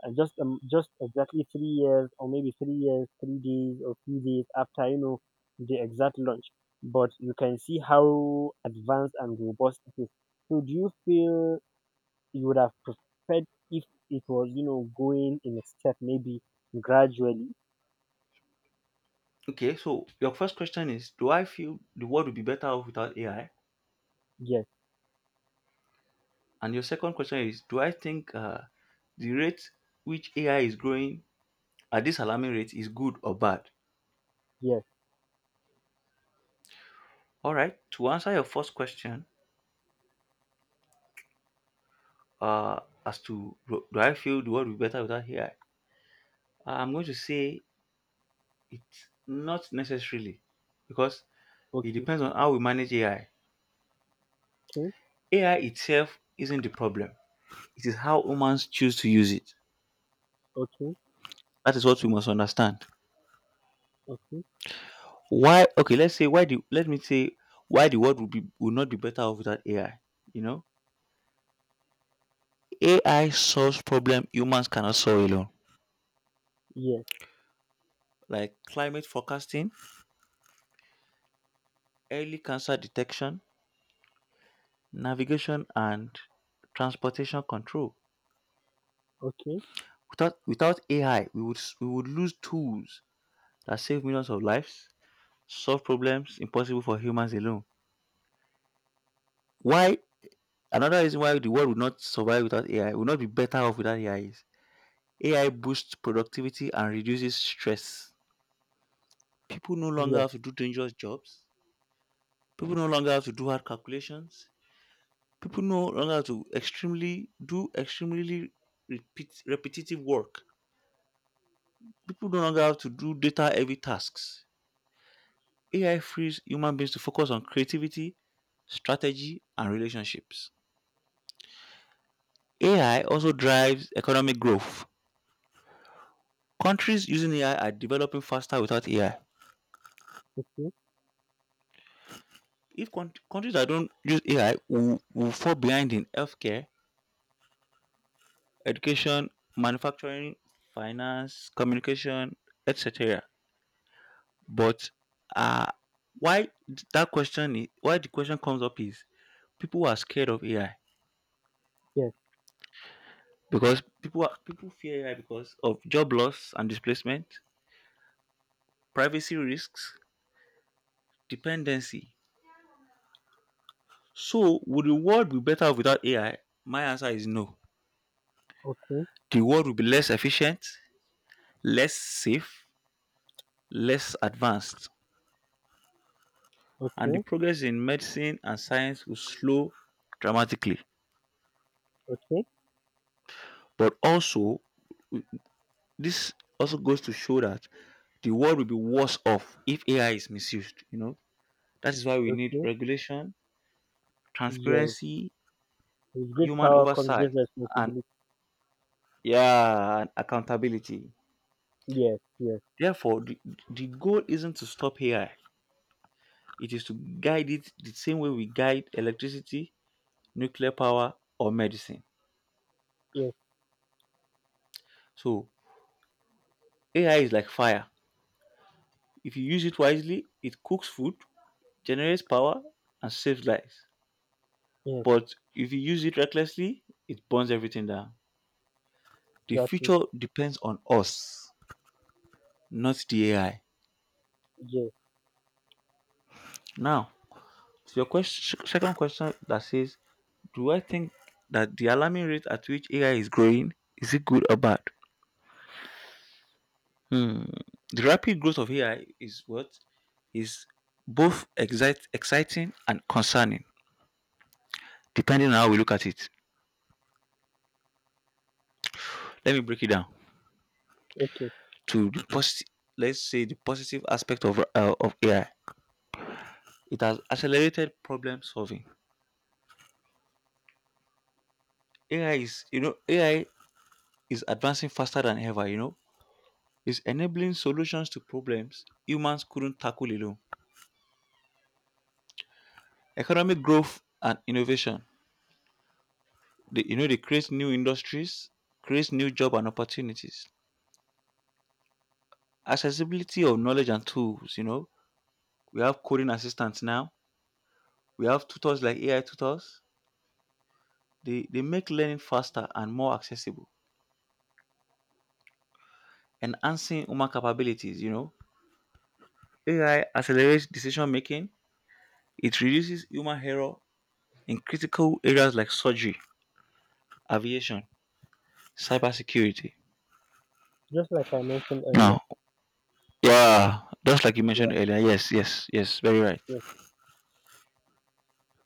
[SPEAKER 2] and just exactly 3 years, or maybe 3 years, 3 days, or few days after, you know, the exact launch. But you can see how advanced and robust it is. So, do you feel you would have preferred if it was, you know, going in a step, maybe gradually?
[SPEAKER 1] Okay. So your first question is: do I feel the world would be better off without AI?
[SPEAKER 2] Yes,
[SPEAKER 1] And your second question is, do I think, the rate which AI is growing at this alarming rate is good or bad?
[SPEAKER 2] yes.
[SPEAKER 1] All right. To answer your first question, uh, as to do I feel the world will be better without AI, I'm going to say it's not necessarily, because it
[SPEAKER 2] Okay,
[SPEAKER 1] depends on how we manage AI.
[SPEAKER 2] okay,
[SPEAKER 1] AI itself isn't the problem. It is how humans choose to use it.
[SPEAKER 2] okay,
[SPEAKER 1] That is what we must understand.
[SPEAKER 2] okay.
[SPEAKER 1] Why? Okay, let's say why do. Let me say why the world would not be better off without AI. You know, AI solves problems humans cannot solve alone,
[SPEAKER 2] Yes.
[SPEAKER 1] like climate forecasting, early cancer detection, navigation, and transportation control.
[SPEAKER 2] Okay,
[SPEAKER 1] Without AI, we would lose tools that save millions of lives, solve problems impossible for humans alone. Why? Another reason why the world would not be better off without AI is AI boosts productivity and reduces stress. People no longer
[SPEAKER 2] yes,
[SPEAKER 1] have to do dangerous jobs. People no longer have to do hard calculations. People no longer have to extremely do extremely repetitive work. People no longer have to do data heavy tasks. AI frees human beings to focus on creativity, strategy, and relationships. AI also drives economic growth. Countries using AI are developing faster. Without AI,
[SPEAKER 2] okay,
[SPEAKER 1] if countries that don't use AI will fall behind in healthcare, education, manufacturing, finance, communication, etc. But, uh, why the question comes up is people are scared of AI,
[SPEAKER 2] yes,
[SPEAKER 1] because people fear AI because of job loss and displacement, privacy risks, dependency. So, would the world be better without AI? My answer is no.
[SPEAKER 2] okay,
[SPEAKER 1] The world will be less efficient, less safe, less advanced, and the
[SPEAKER 2] okay,
[SPEAKER 1] progress in medicine and science will slow dramatically.
[SPEAKER 2] okay,
[SPEAKER 1] But also, this also goes to show that the world will be worse off if AI is misused. You know, that is why we need
[SPEAKER 2] okay,
[SPEAKER 1] regulation,
[SPEAKER 2] yes.
[SPEAKER 1] transparency,
[SPEAKER 2] With great
[SPEAKER 1] human
[SPEAKER 2] power comes
[SPEAKER 1] oversight,
[SPEAKER 2] great
[SPEAKER 1] and
[SPEAKER 2] responsibility.
[SPEAKER 1] yeah, and accountability.
[SPEAKER 2] Yes, yes,
[SPEAKER 1] Therefore, the goal isn't to stop AI, it is to guide it the same way we guide electricity, nuclear power, or medicine.
[SPEAKER 2] yes,
[SPEAKER 1] So, AI is like fire. If you use it wisely, it cooks food, generates power, and saves lives.
[SPEAKER 2] yes,
[SPEAKER 1] But if you use it recklessly, it burns everything down. The
[SPEAKER 2] that's it.
[SPEAKER 1] future depends on us, not the AI.
[SPEAKER 2] Yes,
[SPEAKER 1] Now, to your question, second question that says, do I think that the alarming rate at which AI is growing is it good or bad? Hmm. The rapid growth of AI is what is both exciting and concerning, depending on how we look at it. Let me break it down
[SPEAKER 2] okay.
[SPEAKER 1] to the positive. Let's say the positive aspect of AI. It has accelerated problem solving. AI is advancing faster than ever, you know. It's enabling solutions to problems humans couldn't tackle alone. Economic growth and innovation. They create new industries, create new job and opportunities. Accessibility of knowledge and tools, you know. We have coding assistants now. We have tutors like AI tutors. They make learning faster and more accessible. Enhancing human capabilities, you know. AI accelerates decision making. It reduces human error in critical areas like surgery, aviation, cybersecurity.
[SPEAKER 2] Just like I mentioned earlier.
[SPEAKER 1] Now, yeah, just like you
[SPEAKER 2] Yeah,
[SPEAKER 1] mentioned earlier, yes, yes, yes, very right.
[SPEAKER 2] yes,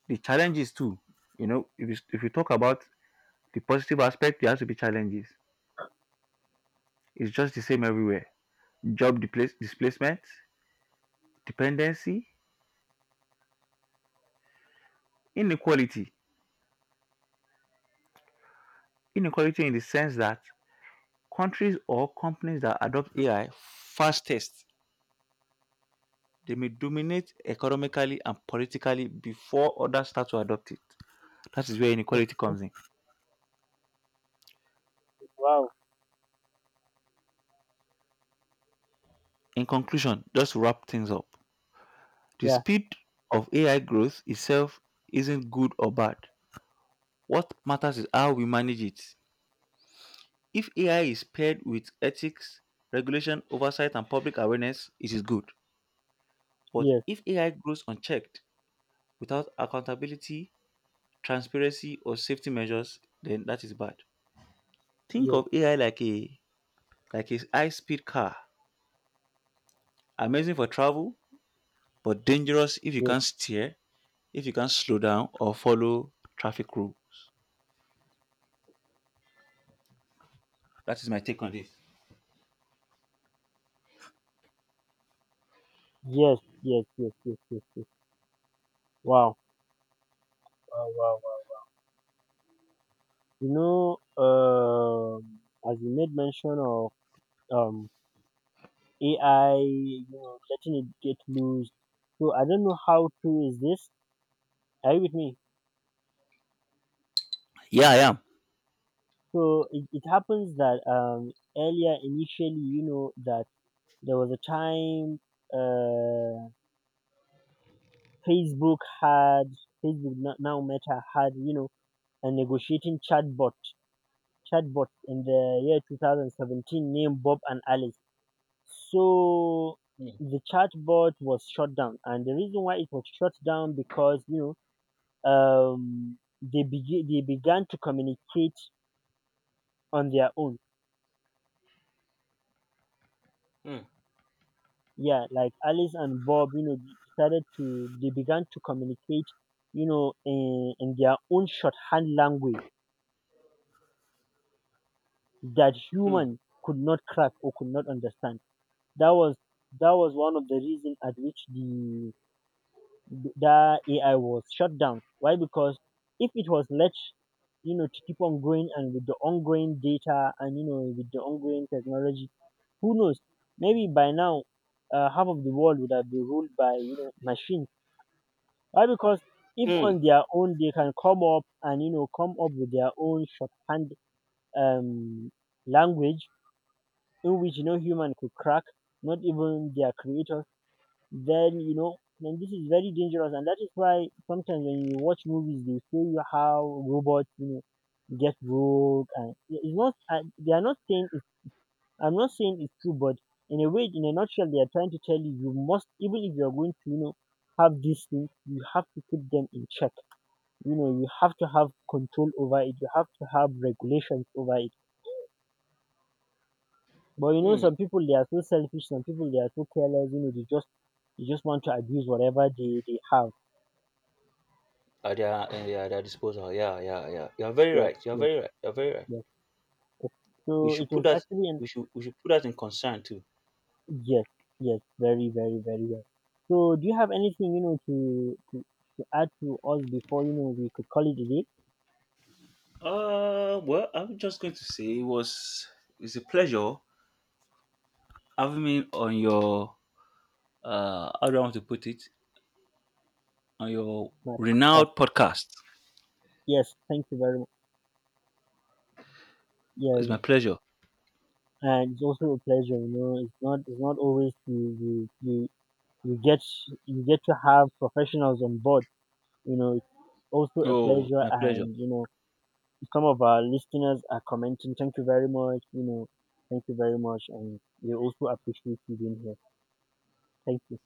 [SPEAKER 1] The challenges too, you know, if you talk about the positive aspect, there has to be challenges. It's just the same everywhere. Job displacement, dependency, inequality. Inequality in the sense that countries or companies that adopt AI fastest, they may dominate economically and politically before others start to adopt it. That is where inequality
[SPEAKER 2] okay.
[SPEAKER 1] comes in.
[SPEAKER 2] Wow.
[SPEAKER 1] In conclusion, just to wrap things up, the
[SPEAKER 2] Yeah,
[SPEAKER 1] speed of AI growth itself isn't good or bad. What matters is how we manage it. If AI is paired with ethics, regulation, oversight, and public awareness, it is good. But
[SPEAKER 2] yes,
[SPEAKER 1] if AI grows unchecked, without accountability, transparency, or safety measures, then that is bad. Think
[SPEAKER 2] yes,
[SPEAKER 1] of AI like a, like a high-speed car. Amazing for travel, but dangerous if you
[SPEAKER 2] yes,
[SPEAKER 1] can't steer, if you can't slow down or follow traffic rules. That is my take on this.
[SPEAKER 2] yes, yes, yes, yes, yes, yes. Wow. Wow, wow, wow, wow. You know, as you made mention of um AI, you know, letting it get loose. So I don't know how true is this. Are you with me?
[SPEAKER 1] Yeah, I am.
[SPEAKER 2] So it happens that earlier initially, you know, that there was a time, uh Facebook had, Facebook now Meta had, you know, a negotiating chatbot in the year 2017 named Bob and Alice. So the chatbot was shut down, and the reason why it was shut down, because, you know, they they began to communicate on their own.
[SPEAKER 1] Mm,
[SPEAKER 2] Yeah, like Alice and Bob, you know, they decided to, they began to communicate, you know, in their own shorthand language that
[SPEAKER 1] mm,
[SPEAKER 2] human could not crack or could not understand. That was, that was one of the reason at which the, that AI was shut down. Why? Because if it was let, you know, to keep on going, and with the ongoing data and, you know, with the ongoing technology, who knows? Maybe by now, half of the world would have been ruled by, you know, machines. Why? Because if
[SPEAKER 1] mm,
[SPEAKER 2] on their own they can come up and, you know, come up with their own shorthand, um, language in which no human could crack, not even their creators. Then, you know, then this is very dangerous, and that is why sometimes when you watch movies, they show you how robots, you know, get rogue, and it's not. They are not saying it's, I'm not saying it's true, but in a way, in a nutshell, they are trying to tell you you must, even if you are going to, you know, have these things, you have to keep them in check. You know, you have to have control over it, you have to have regulations over it. But you know,
[SPEAKER 1] mm.
[SPEAKER 2] some people they are so selfish, some people they are so careless, you know, they just, they just want to abuse whatever they have.
[SPEAKER 1] Yeah, their disposal. Yeah, yeah, yeah. You are very
[SPEAKER 2] Yes,
[SPEAKER 1] right. You are
[SPEAKER 2] yes,
[SPEAKER 1] very right. You are very right.
[SPEAKER 2] yes.
[SPEAKER 1] We
[SPEAKER 2] So it
[SPEAKER 1] should put
[SPEAKER 2] was
[SPEAKER 1] that.
[SPEAKER 2] actually an,
[SPEAKER 1] We should. We should put that in concern too.
[SPEAKER 2] yes, yes, very very very well. So do you have anything, you know, to to add to us before, you know, we could call it a day?
[SPEAKER 1] Well, I'm just going to say it's a pleasure having me on your, how do I want to put it, on your
[SPEAKER 2] My
[SPEAKER 1] renowned
[SPEAKER 2] podcast.
[SPEAKER 1] podcast.
[SPEAKER 2] Yes, thank you very much.
[SPEAKER 1] It's
[SPEAKER 2] Yes.
[SPEAKER 1] my pleasure.
[SPEAKER 2] And it's also a pleasure, you know. It's not, it's not always you you you get, you get to have professionals on board. You know, it's also a
[SPEAKER 1] Oh,
[SPEAKER 2] pleasure,
[SPEAKER 1] my pleasure.
[SPEAKER 2] and you know, some of our listeners are commenting. Thank you very much. You know, thank you very much, and they also appreciate you being here. Thank you.